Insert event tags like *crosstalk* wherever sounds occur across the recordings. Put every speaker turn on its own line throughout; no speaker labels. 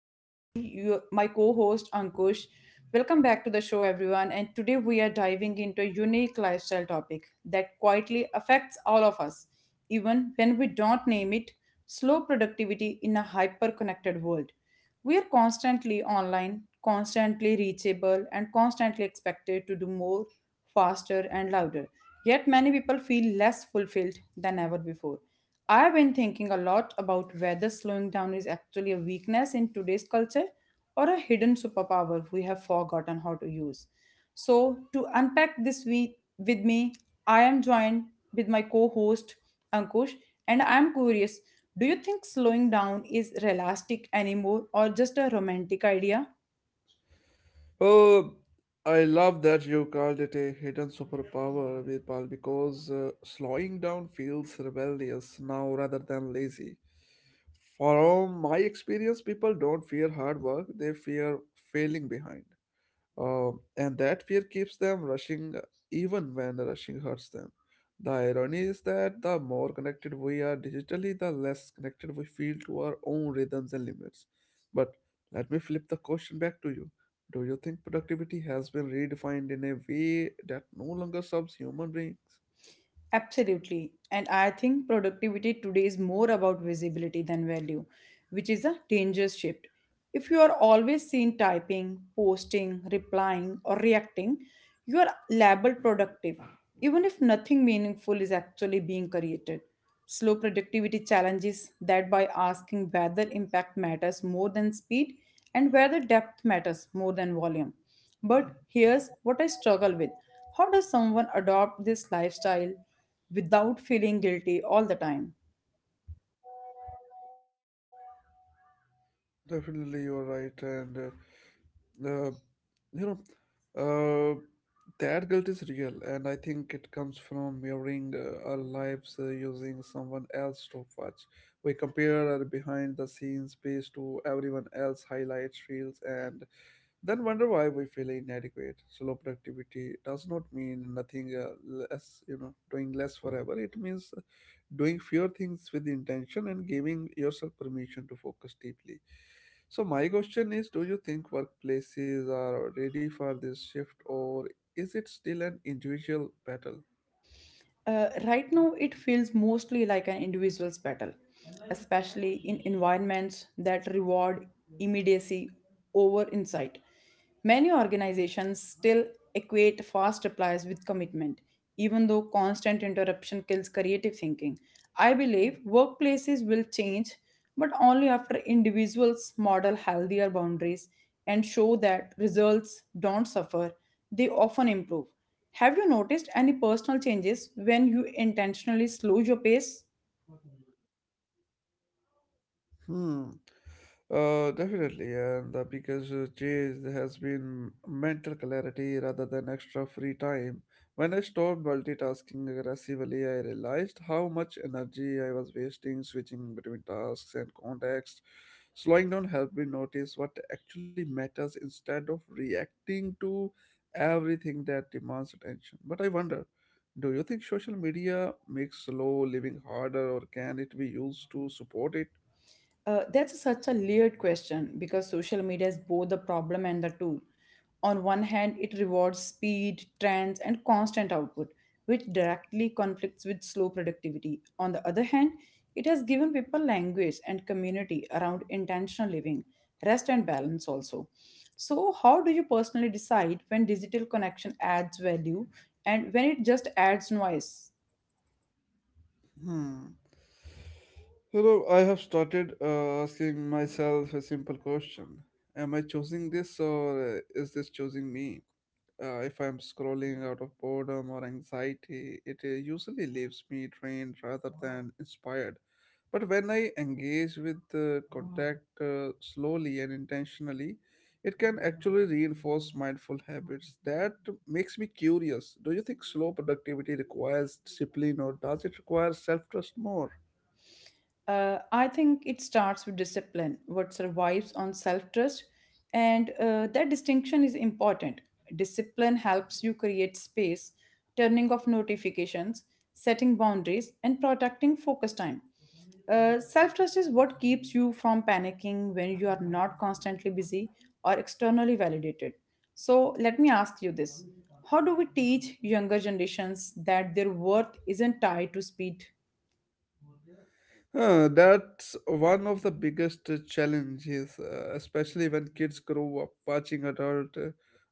With me, you, my co-host Ankush. Welcome back to the show, everyone. And today we are diving into a unique lifestyle topic that quietly affects all of us, even when we don't name it. Slow productivity in a hyper-connected world. We are constantly online, constantly reachable, and constantly expected to do more, faster, and louder. Yet many people feel less fulfilled than ever before. I've been thinking a lot about whether slowing down is actually a weakness in today's culture or a hidden superpower we have forgotten how to use. So, to unpack this week with me, I am joined with my co host Ankush, and I'm curious, do you think slowing down is realistic anymore or just a romantic idea?
Oh, I love that you called it a hidden superpower, Virpal, because slowing down feels rebellious now rather than lazy. From my experience, people don't fear hard work, they fear failing behind. And that fear keeps them rushing, even when rushing hurts them. The irony is that the more connected we are digitally, the less connected we feel to our own rhythms and limits. But let me flip the question back to you. Do you think productivity has been redefined in a way that no longer serves human beings?
Absolutely. And I think productivity today is more about visibility than value, which is a dangerous shift. If you are always seen typing, posting, replying, or reacting, you are labeled productive, even if nothing meaningful is actually being created. Slow productivity challenges that by asking whether impact matters more than speed and whether depth matters more than volume. But here's what I struggle with. How does someone adopt this lifestyle without feeling guilty all the time?
Definitely, you are right, and. uh, you know, uh, that guilt is real, and I think it comes from mirroring, our lives, using someone else's stopwatch. We compare our behind the scenes pace to everyone else highlight reels and then wonder why we feel inadequate. Slow productivity does not mean nothing doing less forever. It means doing fewer things with intention and giving yourself permission to focus deeply. So my question is, do you think workplaces are ready for this shift, or is it still an individual battle?
Right now, it feels mostly like an individual's battle, especially in environments that reward immediacy over insight. Many organizations still equate fast replies with commitment, even though constant interruption kills creative thinking. I believe workplaces will change, but only after individuals model healthier boundaries and show that results don't suffer, they often improve. Have you noticed any personal changes when you intentionally slow your pace?
Hmm. Definitely, and the biggest change has been mental clarity rather than extra free time. When I stopped multitasking aggressively, I realized how much energy I was wasting switching between tasks and contexts. Slowing down helped me notice what actually matters instead of reacting to everything that demands attention. But I wonder, do you think social media makes slow living harder, or can it be used to support it?
That's such a layered question because social media is both the problem and the tool. On one hand, it rewards speed, trends, and constant output, which directly conflicts with slow productivity. On the other hand, it has given people language and community around intentional living, rest, and balance also. So, how do you personally decide when digital connection adds value and when it just adds noise?
Hmm. I have started, asking myself a simple question. Am I choosing this, or is this choosing me? If I'm scrolling out of boredom or anxiety, it usually leaves me drained rather than inspired. But when I engage with the contact, slowly and intentionally, it can actually reinforce mindful habits. That makes me curious. Do you think slow productivity requires discipline, or does it require self trust more?
I think it starts with discipline, what survives on self trust, and that distinction is important. Discipline helps you create space, turning off notifications, setting boundaries, and protecting focus time. Self trust is what keeps you from panicking when you are not constantly busy or externally validated. So, let me ask you this. How do we teach younger generations that their worth isn't tied to speed?
Huh, that's one of the biggest challenges, especially when kids grow up watching adult uh,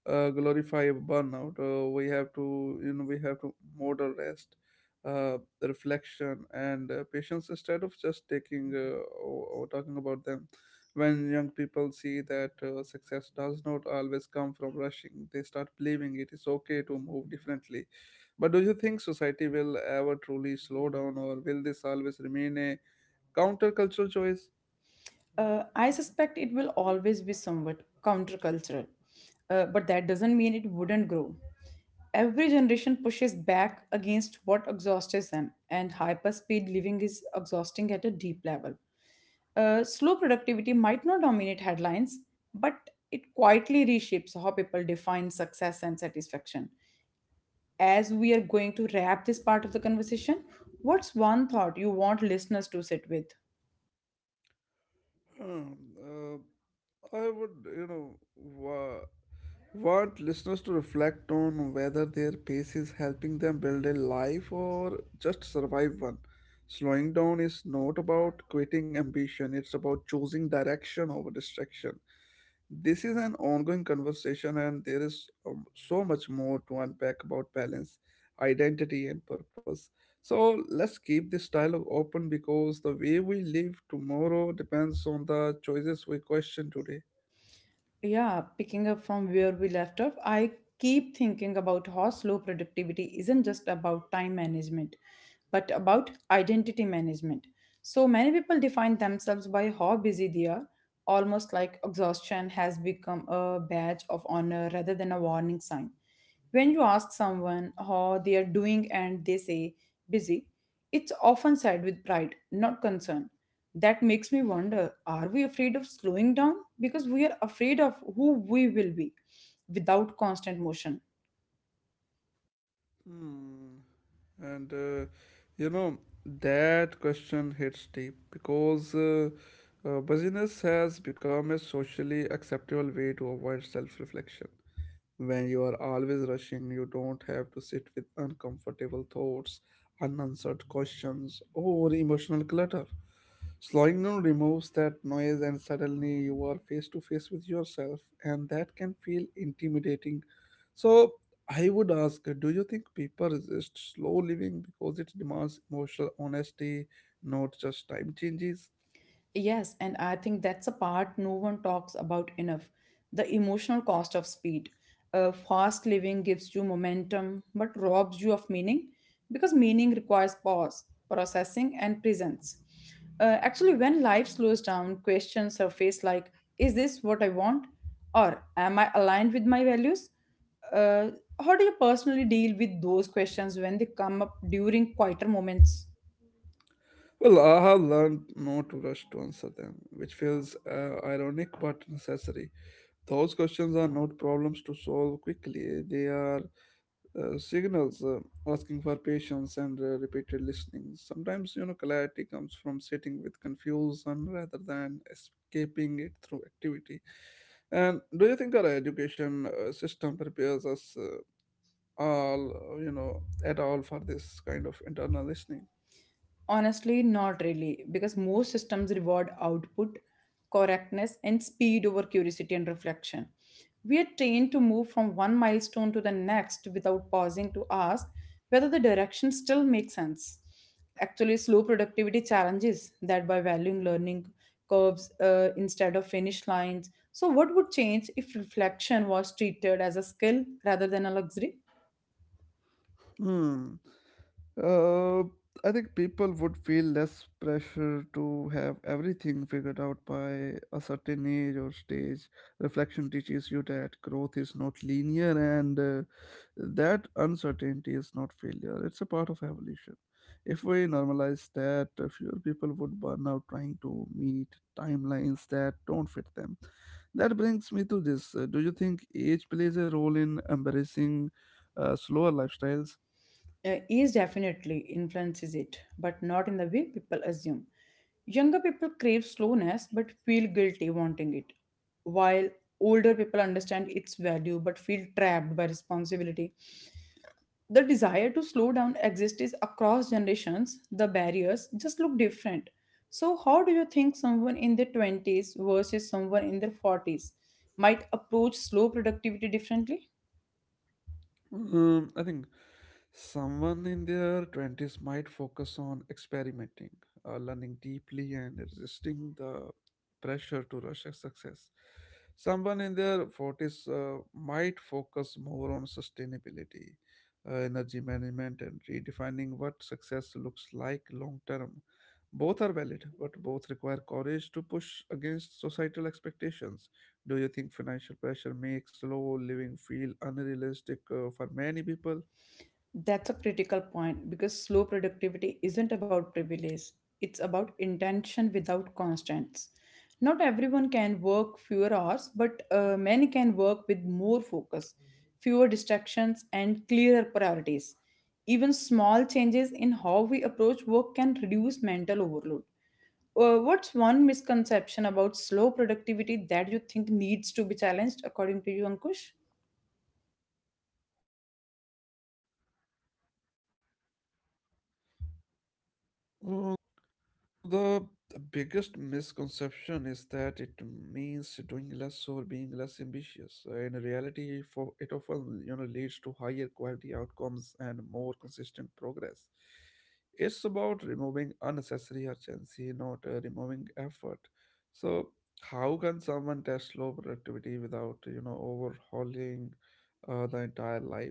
uh, glorify burnout. We have to, we have to model rest, reflection, and patience instead of just taking or talking about them. When young people see that success does not always come from rushing, they start believing it is okay to move differently. But do you think society will ever truly slow down, or will this always remain a countercultural choice?
I suspect it will always be somewhat countercultural, but that doesn't mean it wouldn't grow. Every generation pushes back against what exhausts them, and hyperspeed living is exhausting at a deep level. Slow productivity might not dominate headlines, but it quietly reshapes how people define success and satisfaction. As we are going to wrap this part of the conversation, what's one thought you want listeners to sit with?
Hmm. uh, I would, you know, wa- want listeners to reflect on whether their pace is helping them build a life or just survive one. Slowing down is not about quitting ambition, it's about choosing direction over distraction. This is an ongoing conversation, and there is, so much more to unpack about balance, identity, and purpose. So, let's keep this dialogue open because the way we live tomorrow depends on the choices we question today.
Yeah, picking up from where we left off, I keep thinking about how slow productivity isn't just about time management, but about identity management. So many people define themselves by how busy they are, almost like exhaustion has become a badge of honor rather than a warning sign. When you ask someone how they are doing and they say busy, it's often said with pride, not concern. That makes me wonder, are we afraid of slowing down? Because we are afraid of who we will be without constant motion.
Hmm. And uh, you know, that question hits deep because, busyness has become a socially acceptable way to avoid self reflection. When you are always rushing, you don't have to sit with uncomfortable thoughts, unanswered questions, or emotional clutter. Slowing down removes that noise, and suddenly you are face to face with yourself, and that can feel intimidating. So, I would ask, do you think people resist slow living because it demands emotional honesty, not just time changes?
Yes, and I think that's a part no one talks about enough, the emotional cost of speed. Fast living gives you momentum but robs you of meaning because meaning requires pause, processing, and presence. Actually, when life slows down, questions surface like, is this what I want? Or am I aligned with my values? Uh, how do you personally deal with those questions when they come up during quieter moments?
Well, I have learned not to rush to answer them, which feels ironic but necessary. Those questions are not problems to solve quickly. They are, signals, asking for patience and, repeated listening. Sometimes, clarity comes from sitting with confusion rather than escaping it through activity. And do you think our education system prepares us at all for this kind of internal listening?
Honestly, not really, because most systems reward output, correctness, and speed over curiosity and reflection. We are trained to move from one milestone to the next without pausing to ask whether the direction still makes sense. Actually, slow productivity challenges that by valuing learning curves instead of finish lines. So, what would change if reflection was treated as a skill rather than a luxury?
Hmm. Uh, I think people would feel less pressure to have everything figured out by a certain age or stage. Reflection teaches you that growth is not linear, and that uncertainty is not failure, it's a part of evolution. If we normalize that, fewer people would burn out trying to meet timelines that don't fit them. That brings me to this. Do you think age plays a role in embracing slower lifestyles?
Is definitely influences it, but not in the way people assume. Younger people crave slowness but feel guilty wanting it, while older people understand its value but feel trapped by responsibility. The desire to slow down exists across generations, the barriers just look different. So, how do you think someone in their 20s versus someone in their 40s might approach slow productivity differently?
I think someone in their 20s might focus on experimenting, learning deeply, and resisting the pressure to rush success. Someone in their 40s might focus more on sustainability, energy management, and redefining what success looks like long term. Both are valid, but both require courage to push against societal expectations. Do you think financial pressure makes slow living feel unrealistic for many people?
That's a critical point because slow productivity isn't about privilege, it's about intention without constraints. Not everyone can work fewer hours, but many can work with more focus, fewer distractions, and clearer priorities. Even small changes in how we approach work can reduce mental overload. What's one misconception about slow productivity that you think needs to be challenged, according to you, Ankush?
The biggest misconception is that it means doing less or being less ambitious. In reality, for it often, leads to higher quality outcomes and more consistent progress. It's about removing unnecessary urgency, not removing effort. So, how can someone test low productivity without, overhauling the entire life?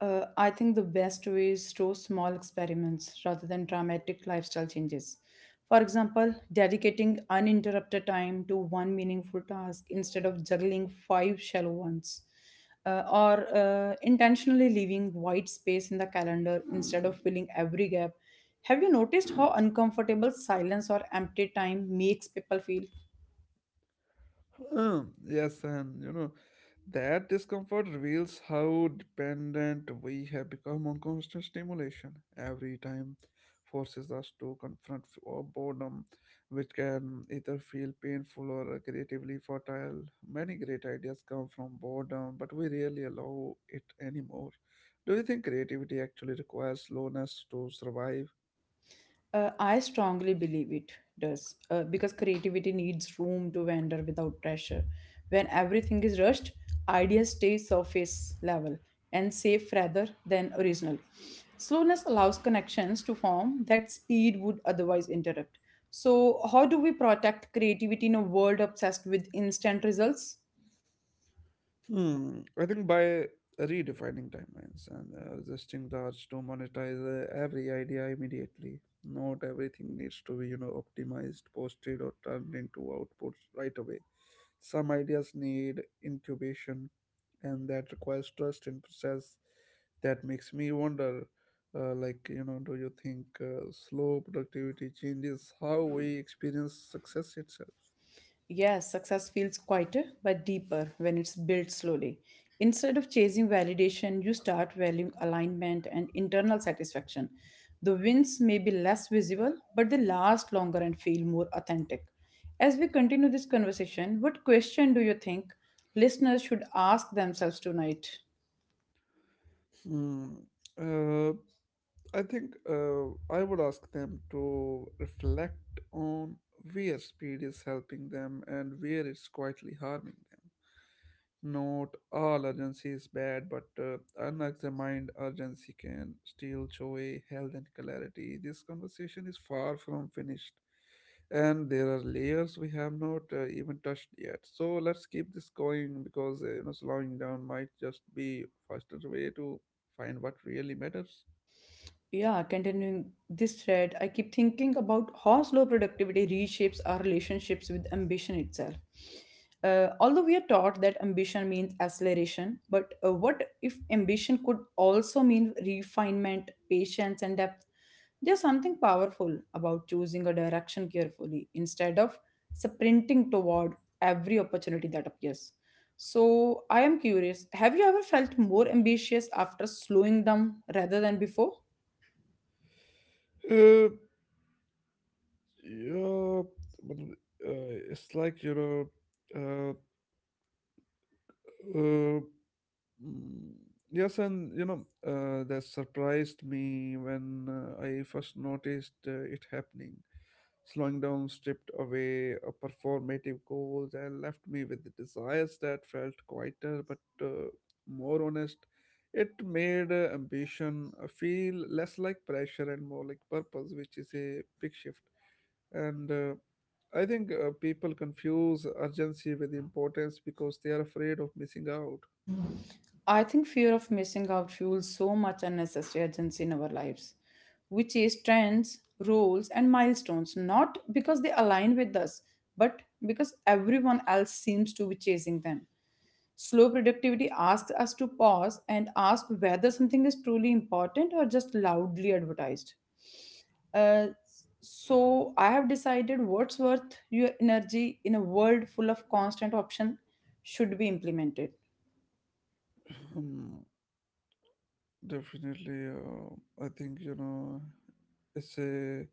I think the best way is through small experiments rather than dramatic lifestyle changes. For example, dedicating uninterrupted time to one meaningful task instead of juggling five shallow ones, or intentionally leaving white space in the calendar instead of filling every gap. Have you noticed how uncomfortable silence or empty time makes people feel?
*clears throat* Yes, and, that discomfort reveals how dependent we have become on constant stimulation. Every time forces us to confront or boredom, which can either feel painful or creatively fertile. Many great ideas come from boredom, but we rarely allow it anymore. Do you think creativity actually requires slowness to survive?
I strongly believe it does because creativity needs room to wander without pressure. When everything is rushed, ideas stay surface level and safe rather than original. Slowness allows connections to form that speed would otherwise interrupt. So, how do we protect creativity in a world obsessed with instant results?
Hmm. I think by redefining timelines and, resisting the urge to monetize every idea immediately. Not everything needs to be, optimized, posted, or turned into outputs right away. Some ideas need incubation, and that requires trust in process. That makes me wonder, do you think slow productivity changes how we experience success itself?
Yes, success feels quieter but deeper when it's built slowly. Instead of chasing validation, you start valuing alignment and internal satisfaction. The wins may be less visible, but they last longer and feel more authentic. As we continue this conversation, what question do you think listeners should ask themselves tonight?
Hmm. Uh, I think uh, I would ask them to reflect on where speed is helping them and where it's quietly harming them. Not all urgency is bad, but unexamined urgency can steal joy, health, and clarity. This conversation is far from finished, and there are layers we have not even touched yet. So let's keep this going because, slowing down might just be faster way to find what really matters.
Yeah, continuing this thread, I keep thinking about how slow productivity reshapes our relationships with ambition itself. Although we are taught that ambition means acceleration, but what if ambition could also mean refinement, patience, and depth? There's something powerful about choosing a direction carefully instead of sprinting toward every opportunity that appears. So, I am curious, have you ever felt more ambitious after slowing down rather than before?
Uh, Yeah, but it's like you know, uh, uh, Mm, yes, and, that surprised me when I first noticed it happening. Slowing down stripped away a performative goals and left me with the desires that felt quieter but more honest. It made ambition feel less like pressure and more like purpose, which is a big shift. And, I think people confuse urgency with importance because they are afraid of missing out.
I think fear of missing out fuels so much unnecessary urgency in our lives, which is trends, rules, and milestones, not because they align with us, but because everyone else seems to be chasing them. Slow productivity asks us to pause and ask whether something is truly important or just loudly advertised. Uh, so I have decided what's worth your energy in a world full of constant option should be implemented.
Hmm. Definitely, I think, it's a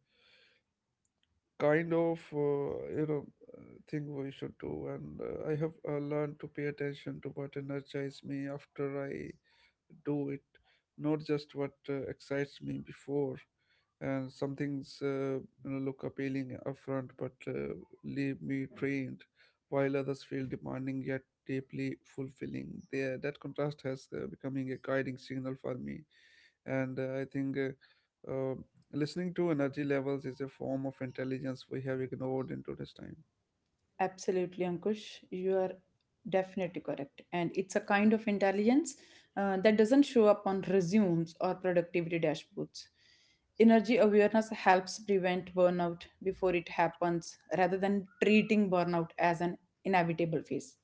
kind of, uh, thing we should do, and I have learned to pay attention to what energizes me after I do it, not just what excites me before. And some things, look appealing upfront but leave me drained, while others feel demanding yet deeply fulfilling. There that contrast has becoming a guiding signal for me, and I think uh, um listening to energy levels is a form of intelligence we have ignored in today's time.
Absolutely, Ankush. You are definitely correct. And it's a kind of intelligence that doesn't show up on resumes or productivity dashboards. Energy awareness helps prevent burnout before it happens rather than treating burnout as an inevitable phase.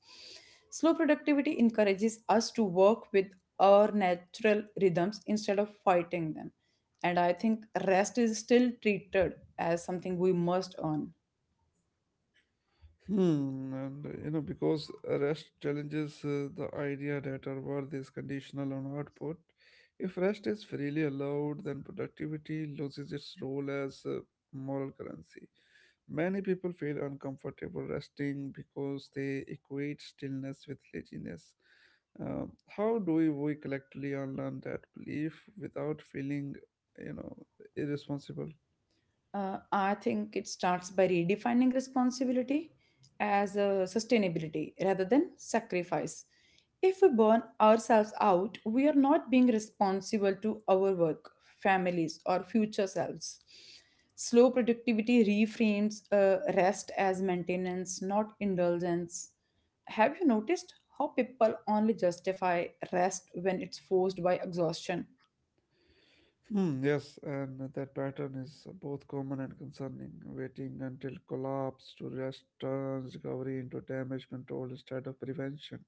Slow productivity encourages us to work with our natural rhythms instead of fighting them. And I think rest is still treated as something we must earn.
Hmm, and, because rest challenges the idea that our worth is conditional on output. If rest is freely allowed, then productivity loses its role as, moral currency. Many people feel uncomfortable resting because they equate stillness with laziness. How do we collectively unlearn that belief without feeling, you know, irresponsible?
I think it starts by redefining responsibility as a sustainability rather than sacrifice. If we burn ourselves out, we are not being responsible to our work, families, or future selves. Slow productivity reframes rest as maintenance, not indulgence. Have you noticed how people only justify rest when it's forced by exhaustion?
Hmm. Yes, and that pattern is both common and concerning. Waiting until collapse to rest turns recovery into damage control instead of prevention.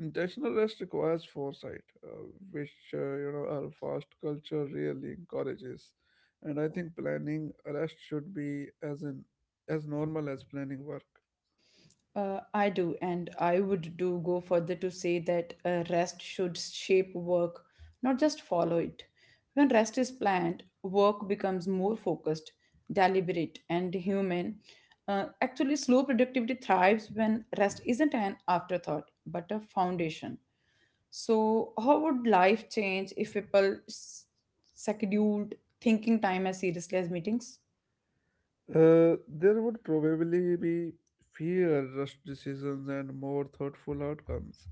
Intentional rest requires foresight, which, our fast culture really encourages. And I think planning rest should be as in as normal as planning work.
I do, and I would do go further to say that rest should shape work, not just follow it. When rest is planned, work becomes more focused, deliberate, and human. Actually, slow productivity thrives when rest isn't an afterthought but a foundation. So, how would life change if people scheduled thinking time as seriously as meetings?
Uh, there would probably be fewer rushed decisions and more thoughtful outcomes.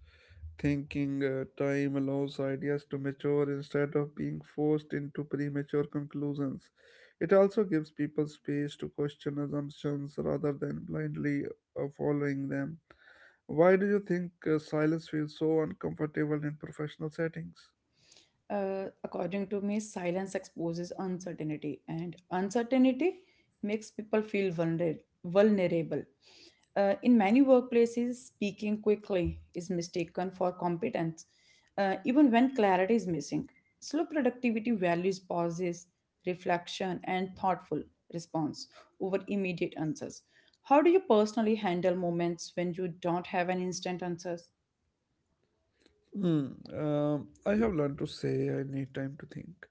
Thinking time allows ideas to mature instead of being forced into premature conclusions. It also gives people space to question assumptions rather than blindly following them. Why do you think silence feels so uncomfortable in professional settings?
According to me, silence exposes uncertainty, and uncertainty makes people feel vulnerable. In many workplaces, speaking quickly is mistaken for competence, even when clarity is missing. Slow productivity values pauses, reflection, and thoughtful response over immediate answers. How do you personally handle moments when you don't have an instant answers?
Hmm. I have learned to say I need time to think,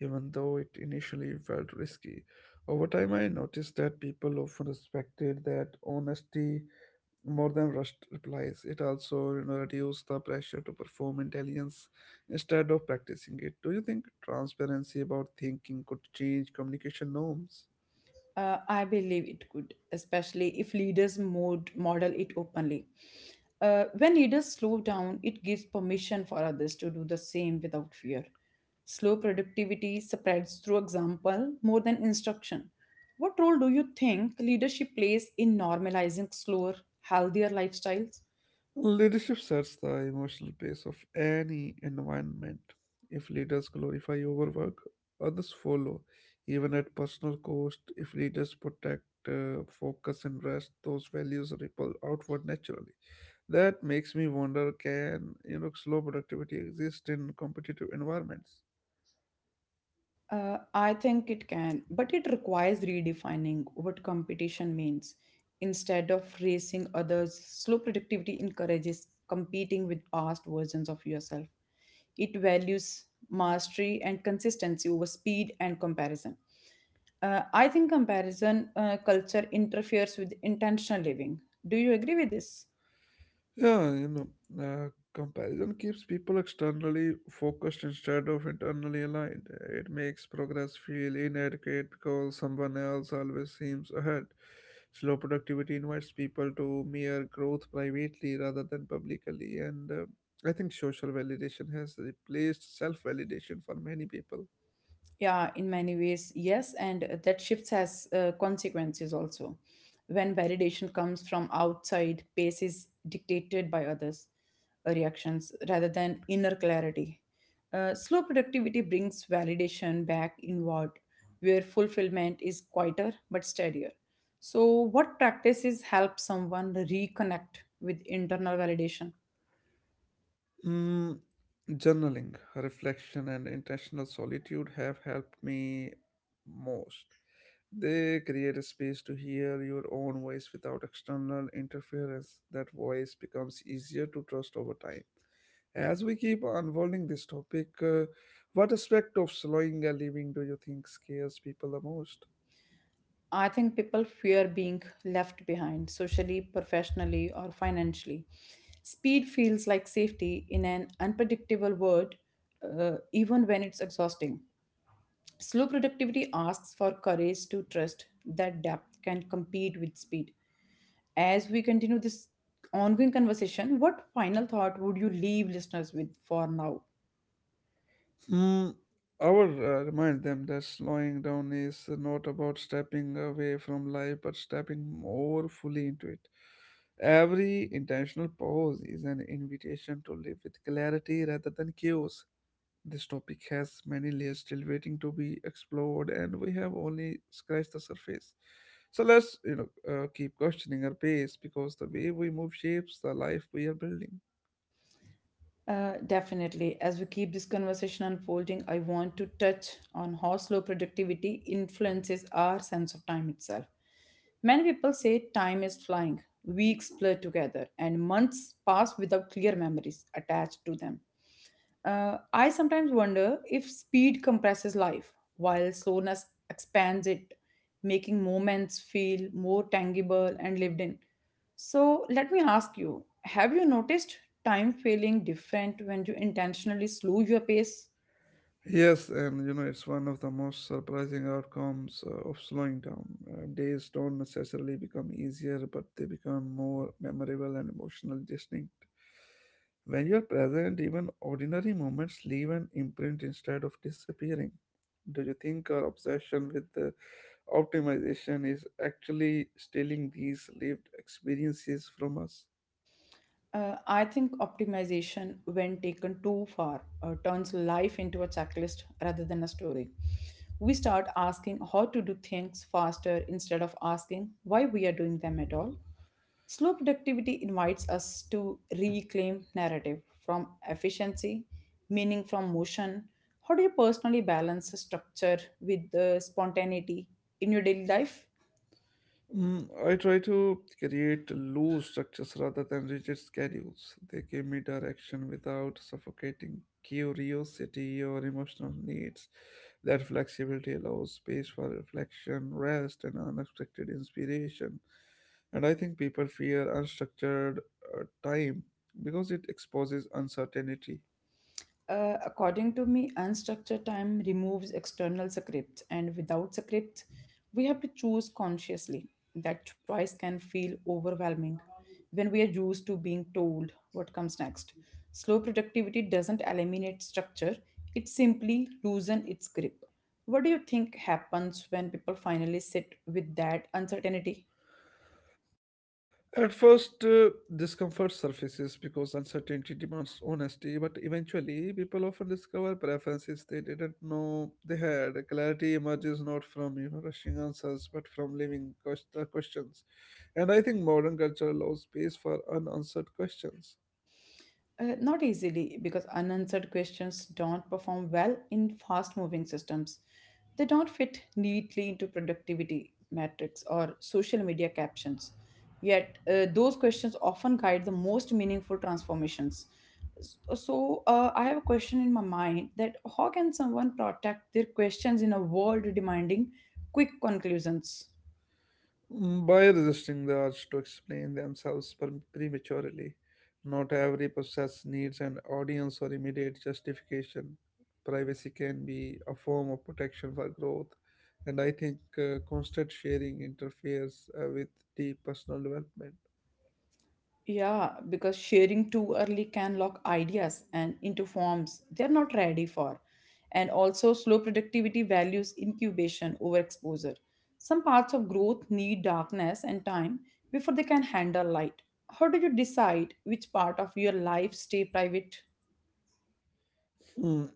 even though it initially felt risky. Over time, I noticed that people often respected that honesty more than rushed replies. It also, reduces the pressure to perform intelligence instead of practicing it. Do you think transparency about thinking could change communication norms?
I believe it could, especially if leaders model it openly. When leaders slow down, it gives permission for others to do the same without fear. Slow productivity spreads through example more than instruction. What role do you think leadership plays in normalizing slower, healthier lifestyles?
Well, leadership sets the emotional pace of any environment. If leaders glorify overwork, others follow, even at personal cost. If leaders protect focus and rest, those values ripple outward naturally. That makes me wonder, can, slow productivity exist in competitive environments?
I think it can, but it requires redefining what competition means. Instead of racing others, slow productivity encourages competing with past versions of yourself. It values mastery and consistency over speed and comparison. I think comparison culture interferes with intentional living. Do you agree with this?
Yeah, comparison keeps people externally focused instead of internally aligned. It makes progress feel inadequate because someone else always seems ahead. Slow productivity invites people to mere growth privately rather than publicly, and I think social validation has replaced self validation for many people.
Yeah, in many ways, yes. And that shifts has consequences also. When validation comes from outside, pace is dictated by others' reactions rather than inner clarity. Slow productivity brings validation back inward, where fulfillment is quieter but steadier. So, what practices help someone reconnect with internal validation?
Mm, journaling, reflection, and intentional solitude have helped me most. They create a space to hear your own voice without external interference. That voice becomes easier to trust over time. As we keep unfolding this topic, what aspect of slowing and living do you think scares people the most?
I think people fear being left behind socially, professionally, or financially. Speed feels like safety in an unpredictable world, even when it's exhausting. Slow productivity asks for courage to trust that depth can compete with speed. As we continue this ongoing conversation, what final thought would you leave listeners with for now?
Mm, I would remind them that slowing down is not about stepping away from life, but stepping more fully into it. Every intentional pause is an invitation to live with clarity rather than chaos. This topic has many layers still waiting to be explored, and we have only scratched the surface. So let's keep questioning our pace because the way we move shapes the life we are building.
Definitely. As we keep this conversation unfolding, I want to touch on how slow productivity influences our sense of time itself. Many people say time is flying, weeks blur together, and months pass without clear memories attached to them. I sometimes wonder if speed compresses life while slowness expands it, making moments feel more tangible and lived in. So, let me ask you, have you noticed time feeling different when you intentionally slow your pace?
Yes, and you know, it's one of the most surprising outcomes of slowing down. Days don't necessarily become easier, but they become more memorable and emotionally distinct. When you're present, even ordinary moments leave an imprint instead of disappearing. Do you think our obsession with the optimization is actually stealing these lived experiences from us?
I think optimization, when taken too far, turns life into a checklist rather than a story. We start asking how to do things faster instead of asking why we are doing them at all. Slow productivity invites us to reclaim narrative from efficiency, meaning from motion. How do you personally balance structure with spontaneity in your daily life?
Mm, I try to create loose structures rather than rigid schedules. They give me direction without suffocating curiosity or emotional needs. That flexibility allows space for reflection, rest, and unexpected inspiration. And I think people fear unstructured time because it exposes uncertainty.
According to me, unstructured time removes external scripts, and without scripts, we have to choose consciously. That choice can feel overwhelming when we are used to being told what comes next. Slow productivity doesn't eliminate structure, it simply loosens its grip. What do you think happens when people finally sit with that uncertainty?
At first, discomfort surfaces because uncertainty demands honesty, but eventually, people often discover preferences they didn't know they had. Clarity emerges not from you know rushing answers, but from living questions. And I think modern culture allows space for unanswered questions.
Not easily, because unanswered questions don't perform well in fast moving systems. They don't fit neatly into productivity metrics or social media captions. Yet, those questions often guide the most meaningful transformations. So, I have a question in my mind that how can someone protect their questions in a world demanding quick conclusions?
Mm, by resisting the urge to explain themselves prematurely, not every process needs an audience or immediate justification. Privacy can be a form of protection for growth, and I think constant sharing interferes with deep personal development.
Yeah, because sharing too early can lock ideas and into forms they're not ready for. And also, slow productivity values incubation over exposure. Some parts of growth need darkness and time before they can handle light. How do you decide which part of your life stay private?
Mm,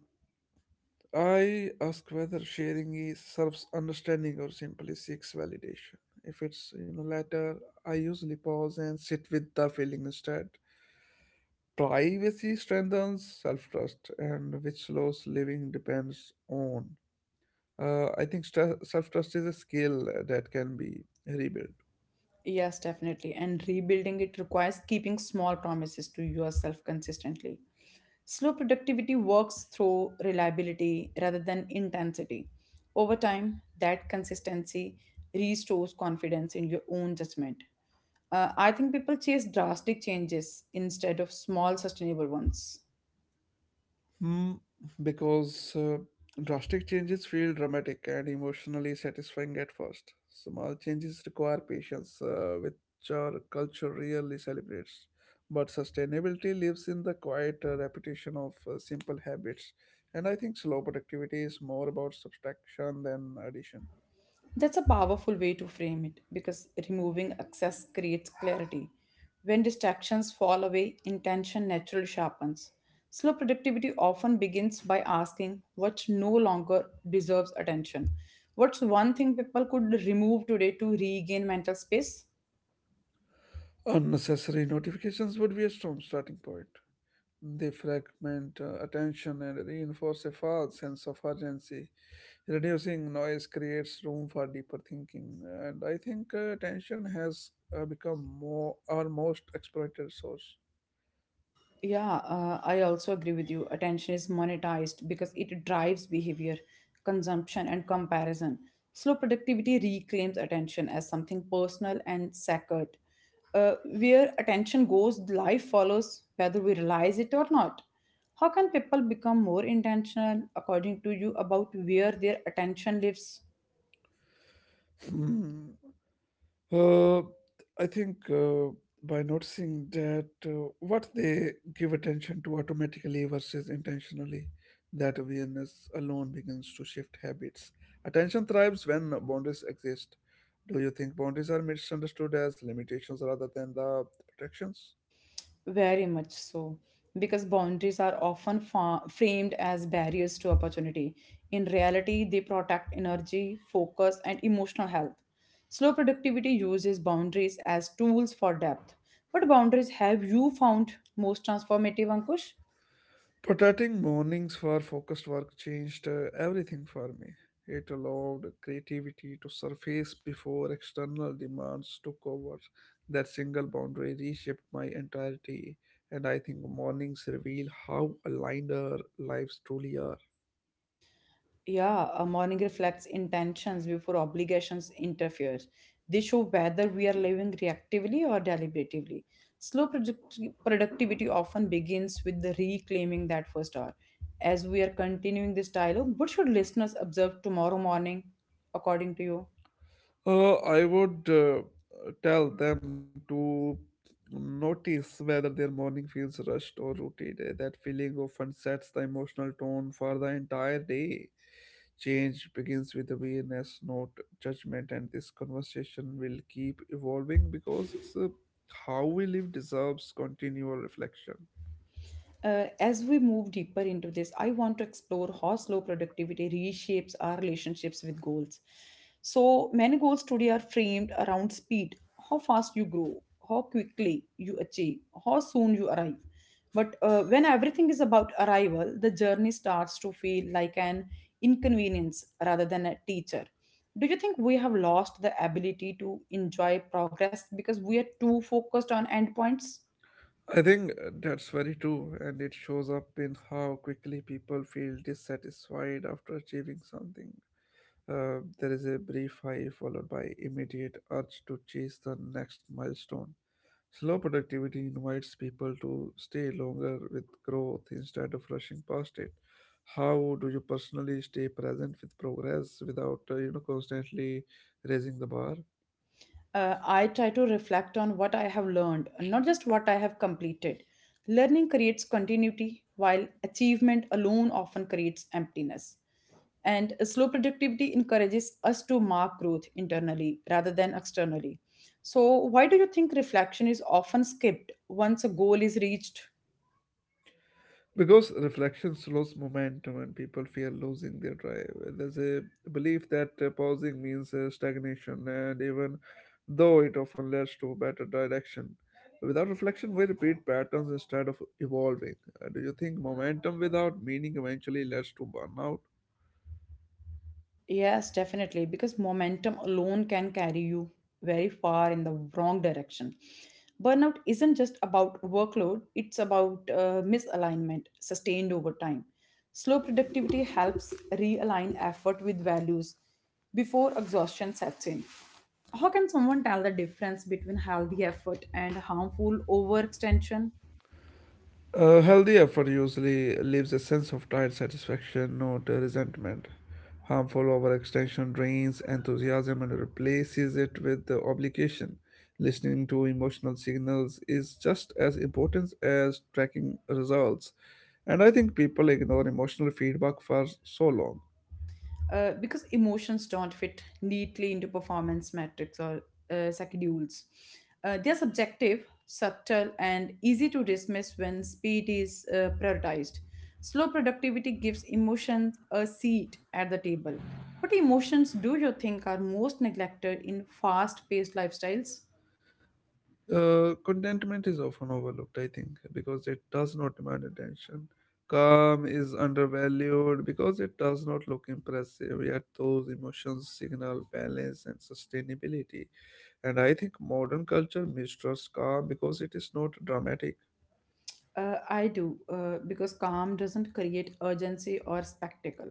I ask whether sharing is serves understanding or simply seeks validation. If it's you know latter, I usually pause and sit with the feeling instead. Privacy strengthens self trust, and which slows living depends on. I think self trust is a skill that can be rebuilt.
Yes, definitely. And rebuilding it requires keeping small promises to yourself consistently. Slow productivity works through reliability rather than intensity. Over time, that consistency restores confidence in your own judgment. I think people chase drastic changes instead of small, sustainable ones.
Hmm, because drastic changes feel dramatic and emotionally satisfying at first. Small changes require patience, which our culture rarely celebrates. But sustainability lives in the quiet repetition of simple habits. And I think slow productivity is more about subtraction than addition.
That's a powerful way to frame it because removing excess creates clarity. When distractions fall away, intention naturally sharpens. Slow productivity often begins by asking what no longer deserves attention. What's one thing people could remove today to regain mental space?
Unnecessary notifications would be a strong starting point. They fragment attention and reinforce a false sense of urgency. Reducing noise creates room for deeper thinking, and I think attention has become more our most exploited source.
Yeah, I also agree with you. Attention is monetized because it drives behavior, consumption, and comparison. Slow productivity reclaims attention as something personal and sacred. Where attention goes, life follows, whether we realize it or not. How can people become more intentional, according to you, about where their attention lives?
Hmm, Uh, I think by noticing that what they give attention to automatically versus intentionally, that awareness alone begins to shift habits. Attention thrives when boundaries exist. Do you think boundaries are misunderstood as limitations rather than the protections?
Very much so, because boundaries are often framed as barriers to opportunity. In reality, they protect energy, focus, and emotional health. Slow productivity uses boundaries as tools for depth. What boundaries have you found most transformative, Ankush?
Protecting mornings for focused work changed everything for me. It allowed creativity to surface before external demands took over. That single boundary reshaped my entirety, and I think mornings reveal how aligned our lives truly are.
Yeah, a morning reflects intentions before obligations interfere. They show whether we are living reactively or deliberatively. Slow product- productivity often begins with the reclaiming that first hour. As we are continuing this dialogue, what should listeners observe tomorrow morning, according to you?
I would tell them to notice whether their morning feels rushed or routine. That feeling often sets the emotional tone for the entire day. Change begins with awareness, not judgment, and this conversation will keep evolving because how we live deserves continual reflection.
As we move deeper into this, I want to explore how slow productivity reshapes our relationships with goals. So many goals today are framed around speed, how fast you grow, how quickly you achieve, how soon you arrive. But when everything is about arrival, the journey starts to feel like an inconvenience rather than a teacher. Do you think we have lost the ability to enjoy progress because we are too focused on endpoints?
I think that's very true, and it shows up in how quickly people feel dissatisfied after achieving something. There is a brief high followed by immediate urge to chase the next milestone. Slow productivity invites people to stay longer with growth instead of rushing past it. How do you personally stay present with progress without you know constantly raising the bar?
I try to reflect on what I have learned, not just what I have completed. Learning creates continuity, while achievement alone often creates emptiness. And slow productivity encourages us to mark growth internally rather than externally. So, why do you think reflection is often skipped once a goal is reached?
Because reflection slows momentum and people fear losing their drive. There's a belief that pausing means stagnation, and even though it often leads to better direction. Without reflection, we repeat patterns instead of evolving. Do you think momentum without meaning eventually leads to burnout?
Yes, definitely, because momentum alone can carry you very far in the wrong direction. Burnout isn't just about workload, it's about misalignment sustained over time. Slow productivity helps realign effort with values before exhaustion sets in. How can someone tell the difference between healthy effort and harmful overextension?
A healthy effort usually leaves a sense of tired satisfaction, not resentment. Harmful overextension drains enthusiasm and replaces it with the obligation. Listening to emotional signals is just as important as tracking results. And I think people ignore emotional feedback for so long.
Because emotions don't fit neatly into performance metrics or schedules. They are subjective, subtle, and easy to dismiss when speed is prioritized. Slow productivity gives emotions a seat at the table. What emotions do you think are most neglected in fast paced lifestyles?
Contentment is often overlooked, I think, because it does not demand attention. Calm is undervalued because it does not look impressive, yet those emotions signal balance and sustainability. And I think modern culture mistrusts calm because it is not dramatic.
I do, because calm doesn't create urgency or spectacle.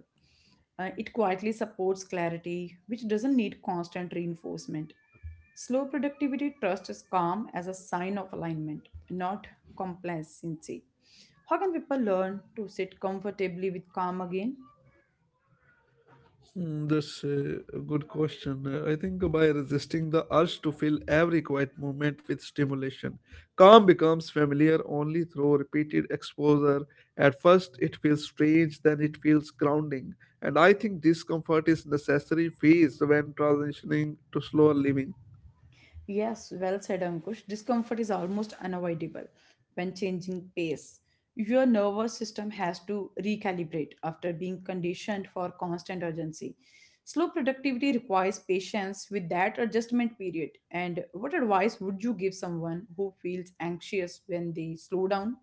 It quietly supports clarity, which doesn't need constant reinforcement. Slow productivity trusts calm as a sign of alignment, not complacency. How can people learn to sit comfortably with calm again?
Mm, that's a good question. I think by resisting the urge to fill every quiet moment with stimulation, calm becomes familiar only through repeated exposure. At first, it feels strange, then it feels grounding. And I think discomfort is necessary phase when transitioning to slower living.
Yes, well said, Ankush. Discomfort is almost unavoidable when changing pace. Your nervous system has to recalibrate after being conditioned for constant urgency. Slow productivity requires patience with that adjustment period. And what advice would you give someone who feels anxious when they slow down?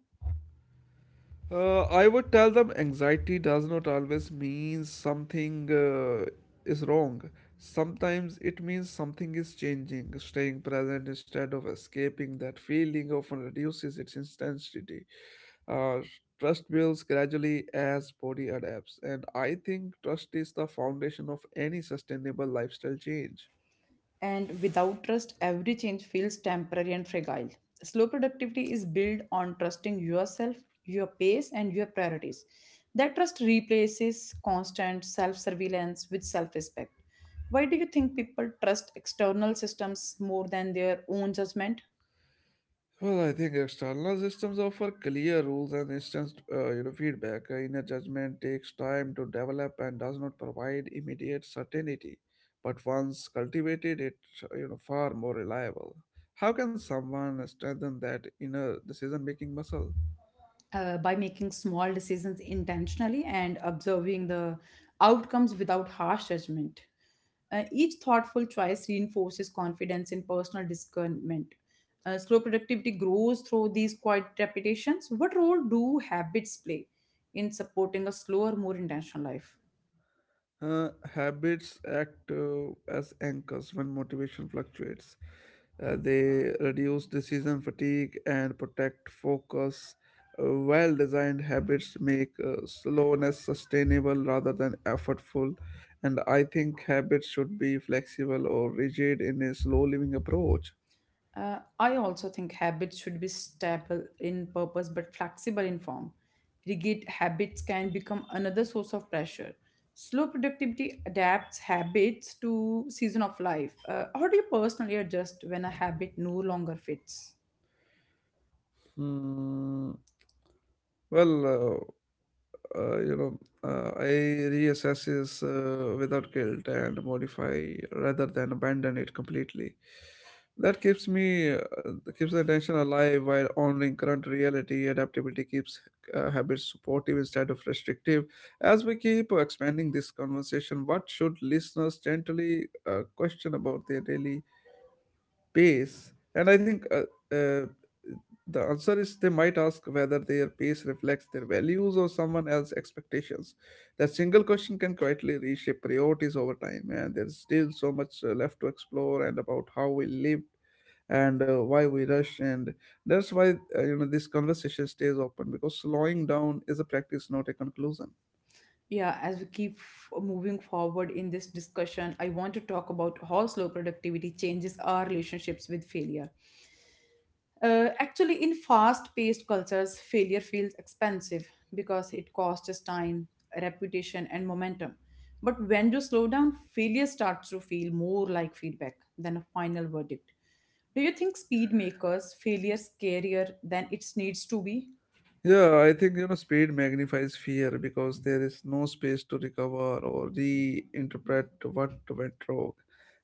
I would tell them anxiety does not always mean something is wrong. Sometimes it means something is changing. Staying present instead of escaping that feeling often reduces its intensity. Uh, Trust builds gradually as body adapts, and I think trust is the foundation of any sustainable lifestyle change.
And without trust, every change feels temporary and fragile. Slow productivity is built on trusting yourself, your pace, and your priorities. That trust replaces constant self surveillance with self respect. Why do you think people trust external systems more than their own judgment?
Well, I think external systems offer clear rules and instant, you know, feedback. Inner judgment takes time to develop and does not provide immediate certainty, but once cultivated, it you know far more reliable. How can someone strengthen that inner decision-making muscle?
By making small decisions intentionally and observing the outcomes without harsh judgment. Each thoughtful choice reinforces confidence in personal discernment. Slow productivity grows through these quiet repetitions. What role do habits play in supporting a slower, more intentional life?
Uh, Habits act as anchors when motivation fluctuates. They reduce decision fatigue and protect focus. Well designed habits make slowness sustainable rather than effortful. And I think habits should be flexible or rigid in a slow living approach.
I also think habits should be stable in purpose but flexible in form. Rigid habits can become another source of pressure. Slow productivity adapts habits to season of life. How do you personally adjust when a habit no longer fits?
Hmm. Well, uh, uh, you know, I reassesses without guilt and modify rather than abandon it completely. That keeps me keeps the attention alive while honoring current reality. Adaptability keeps habits supportive instead of restrictive. As we keep expanding this conversation, what should listeners gently question about their daily pace? And I think uh, the answer is they might ask whether their pace reflects their values or someone else's expectations. That single question can quietly reshape priorities over time, and there's still so much left to explore and about how we live, and why we rush. And that's why you know this conversation stays open, because slowing down is a practice, not a conclusion.
Yeah, as we keep moving forward in this discussion, I want to talk about how slow productivity changes our relationships with failure. Actually, in fast paced cultures, failure feels expensive because it costs us time, reputation, and momentum. But when you slow down, failure starts to feel more like feedback than a final verdict. Do you think speed makers failure scarier than it needs to be?
Yeah, I think you know speed magnifies fear because there is no space to recover or reinterpret what went wrong.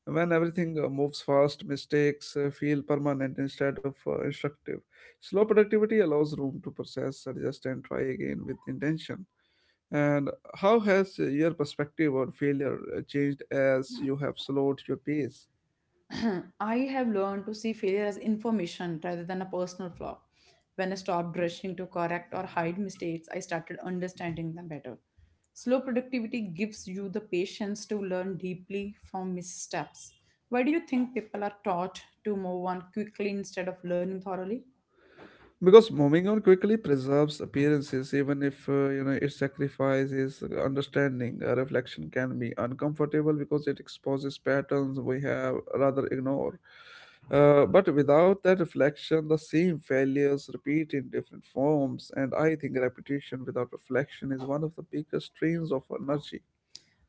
When everything moves fast, mistakes feel permanent instead of instructive. Slow productivity allows room to process, adjust, and try again with intention. And how has your perspective on failure changed as you have slowed your pace?
*clears throat* I have learned to see failure as information rather than a personal flaw. When I stopped rushing to correct or hide mistakes, I started understanding them better. Slow productivity gives you the patience to learn deeply from missteps. Why do you think people are taught to move on quickly instead of learning thoroughly?
Because moving on quickly preserves appearances, even if you know it sacrifices understanding. A reflection can be uncomfortable because it exposes patterns we have rather ignore, but without that reflection the same failures repeat in different forms. And I think repetition without reflection is one of the biggest strains of energy.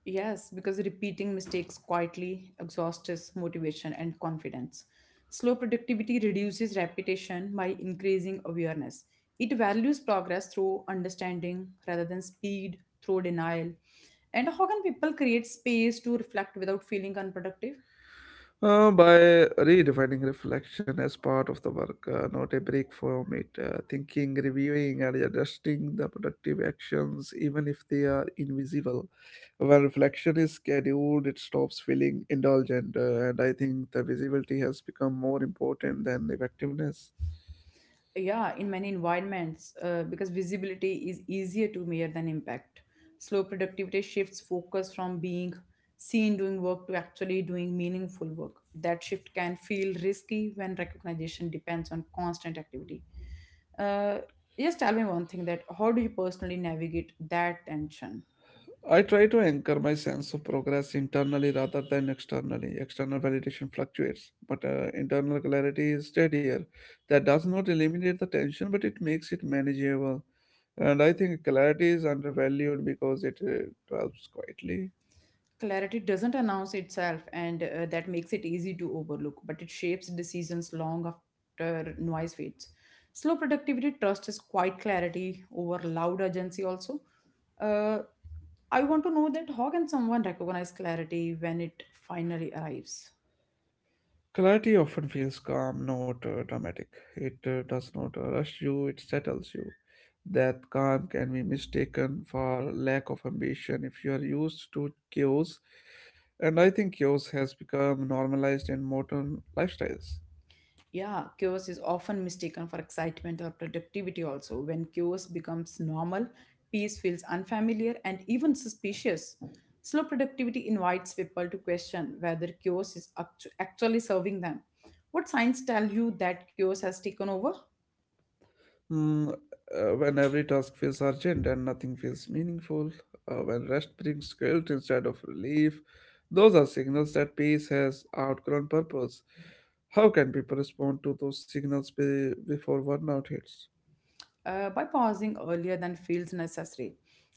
Yes, because repeating mistakes quietly exhausts motivation and confidence. Slow productivity reduces repetition by increasing awareness. It values progress through understanding rather than speed through denial. And how can people create space to reflect without feeling unproductive?
By redefining reflection as part of the work, not a break from it, thinking, reviewing, and adjusting the productive actions, even if they are invisible. When reflection is scheduled, it stops feeling indulgent, and I think the visibility has become more important than effectiveness.
Yeah, in many environments, because visibility is easier to measure than impact. Slow productivity shifts focus from being seen doing work to actually doing meaningful work. That shift can feel risky when recognition depends on constant activity. uh, just tell me one thing, that how do you personally navigate that tension?
I try to anchor my sense of progress internally rather than externally. External validation fluctuates, but internal clarity is steadier. That does not eliminate the tension, but it makes it manageable. And I think clarity is undervalued because it dwells quietly.
Clarity doesn't announce itself, and that makes it easy to overlook, but it shapes decisions long after noise fades. Slow productivity trust is quite clarity over loud urgency, also. Uh, I want to know that how can someone recognize clarity when it finally arrives?
Clarity often feels calm, not dramatic. It does not rush you, it settles you. That calm can be mistaken for lack of ambition if you are used to chaos. And I think chaos has become normalized in modern lifestyles.
Yeah, chaos is often mistaken for excitement or productivity also. When chaos becomes normal, peace feels unfamiliar and even suspicious. Slow productivity invites people to question whether actually serving them. What signs tell you that chaos has taken over?
Mm, when every task feels urgent and nothing feels meaningful, when rest brings guilt instead of relief, those are signals that peace has outgrown purpose. How can people respond to those signals before burnout hits?
By pausing earlier than feels necessary.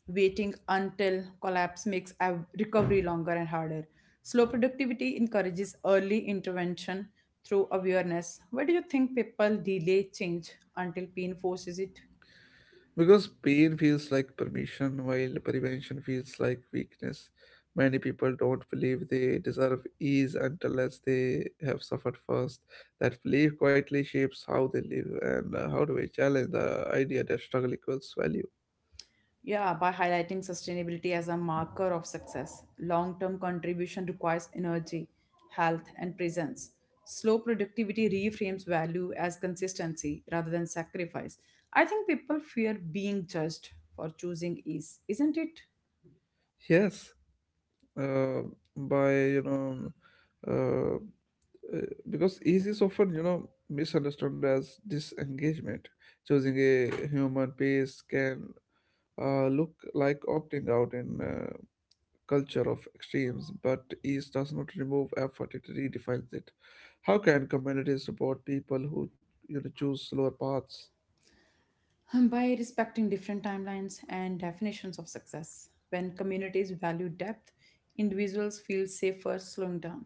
Waiting until collapse makes recovery longer and harder. Slow productivity encourages early intervention through awareness. Why do you think people delay change until pain forces it?
Because pain feels like permission, while prevention feels like weakness. Many people don't believe they deserve ease unless they have suffered first. That belief quietly shapes how they live, and how do we challenge the idea that struggle equals value?
Yeah, by highlighting sustainability as a marker of success, long term contribution requires energy, health, and presence. Slow productivity reframes value as consistency rather than sacrifice. I think people fear being judged for choosing ease, isn't it?
Yes, uh, by you know, uh, Uh, because ease is often you know misunderstood as disengagement. Choosing a human pace can look like opting out in culture of extremes, but ease does not remove effort, it redefines it. How can communities support people who you know choose slower paths?
By respecting different timelines and definitions of success, when communities value depth, individuals feel safer slowing down.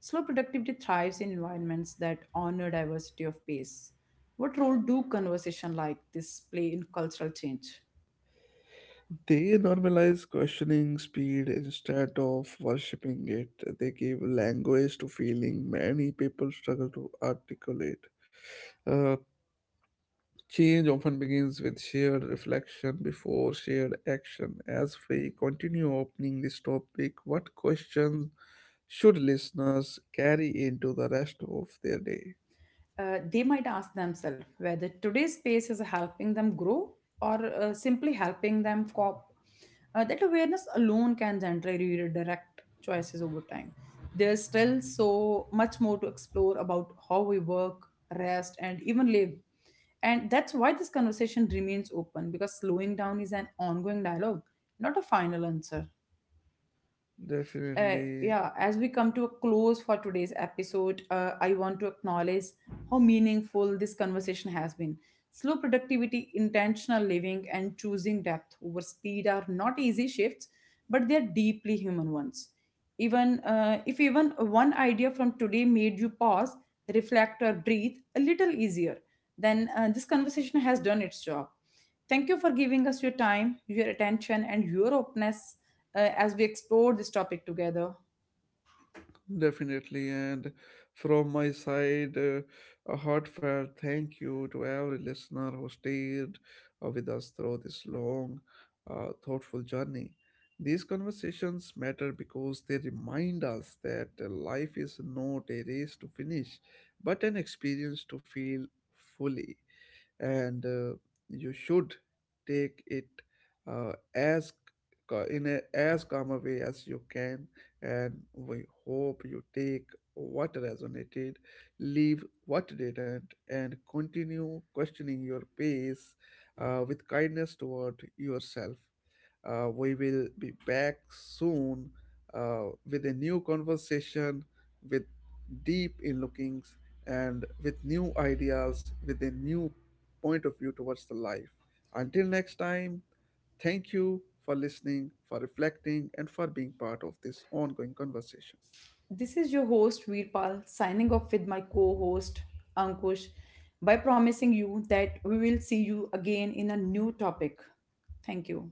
Slow productivity thrives in environments that honor diversity of pace. What role do conversation like this play in cultural change?
They normalize questioning speed instead of worshipping it. They give language to feeling many people struggle to articulate. Uh, Change often begins with shared reflection before shared action. As we continue opening this topic, what questions should listeners carry into the rest of their day?
They might ask themselves whether today's space is helping them grow or simply helping them cope. That awareness alone can generally redirect choices over time. There's still so much more to explore about how we work, rest, and even live. And that's why this conversation remains open because slowing down is an ongoing dialogue, not a final answer.
Definitely.
Yeah, as we come to a close for today's episode, I want to acknowledge how meaningful this conversation has been. Slow productivity, intentional living, and choosing depth over speed are not easy shifts, but they're deeply human ones. Even If even one idea from today made you pause, reflect, or breathe a little easier, then this conversation has done its job. Thank you for giving us your time, your attention, and your openness as we explore this topic together.
Definitely. And from my side, a heartfelt thank you to every listener who stayed with us through this long, thoughtful journey. These conversations matter because they remind us that life is not a race to finish, but an experience to feel fully. And you should take it uh, as in a as calm a way as you can, and we hope you take what resonated, leave what didn't, and continue questioning your pace with kindness toward yourself. We will be back soon with a new conversation, with deep in lookings, and with new ideas, with a new point of view towards the life. Until next time, thank you for listening, for reflecting, and for being part of this ongoing conversation.
This is your host Veerpal, signing off with my co-host Ankush, by promising you that we will see you again in a new topic. Thank you.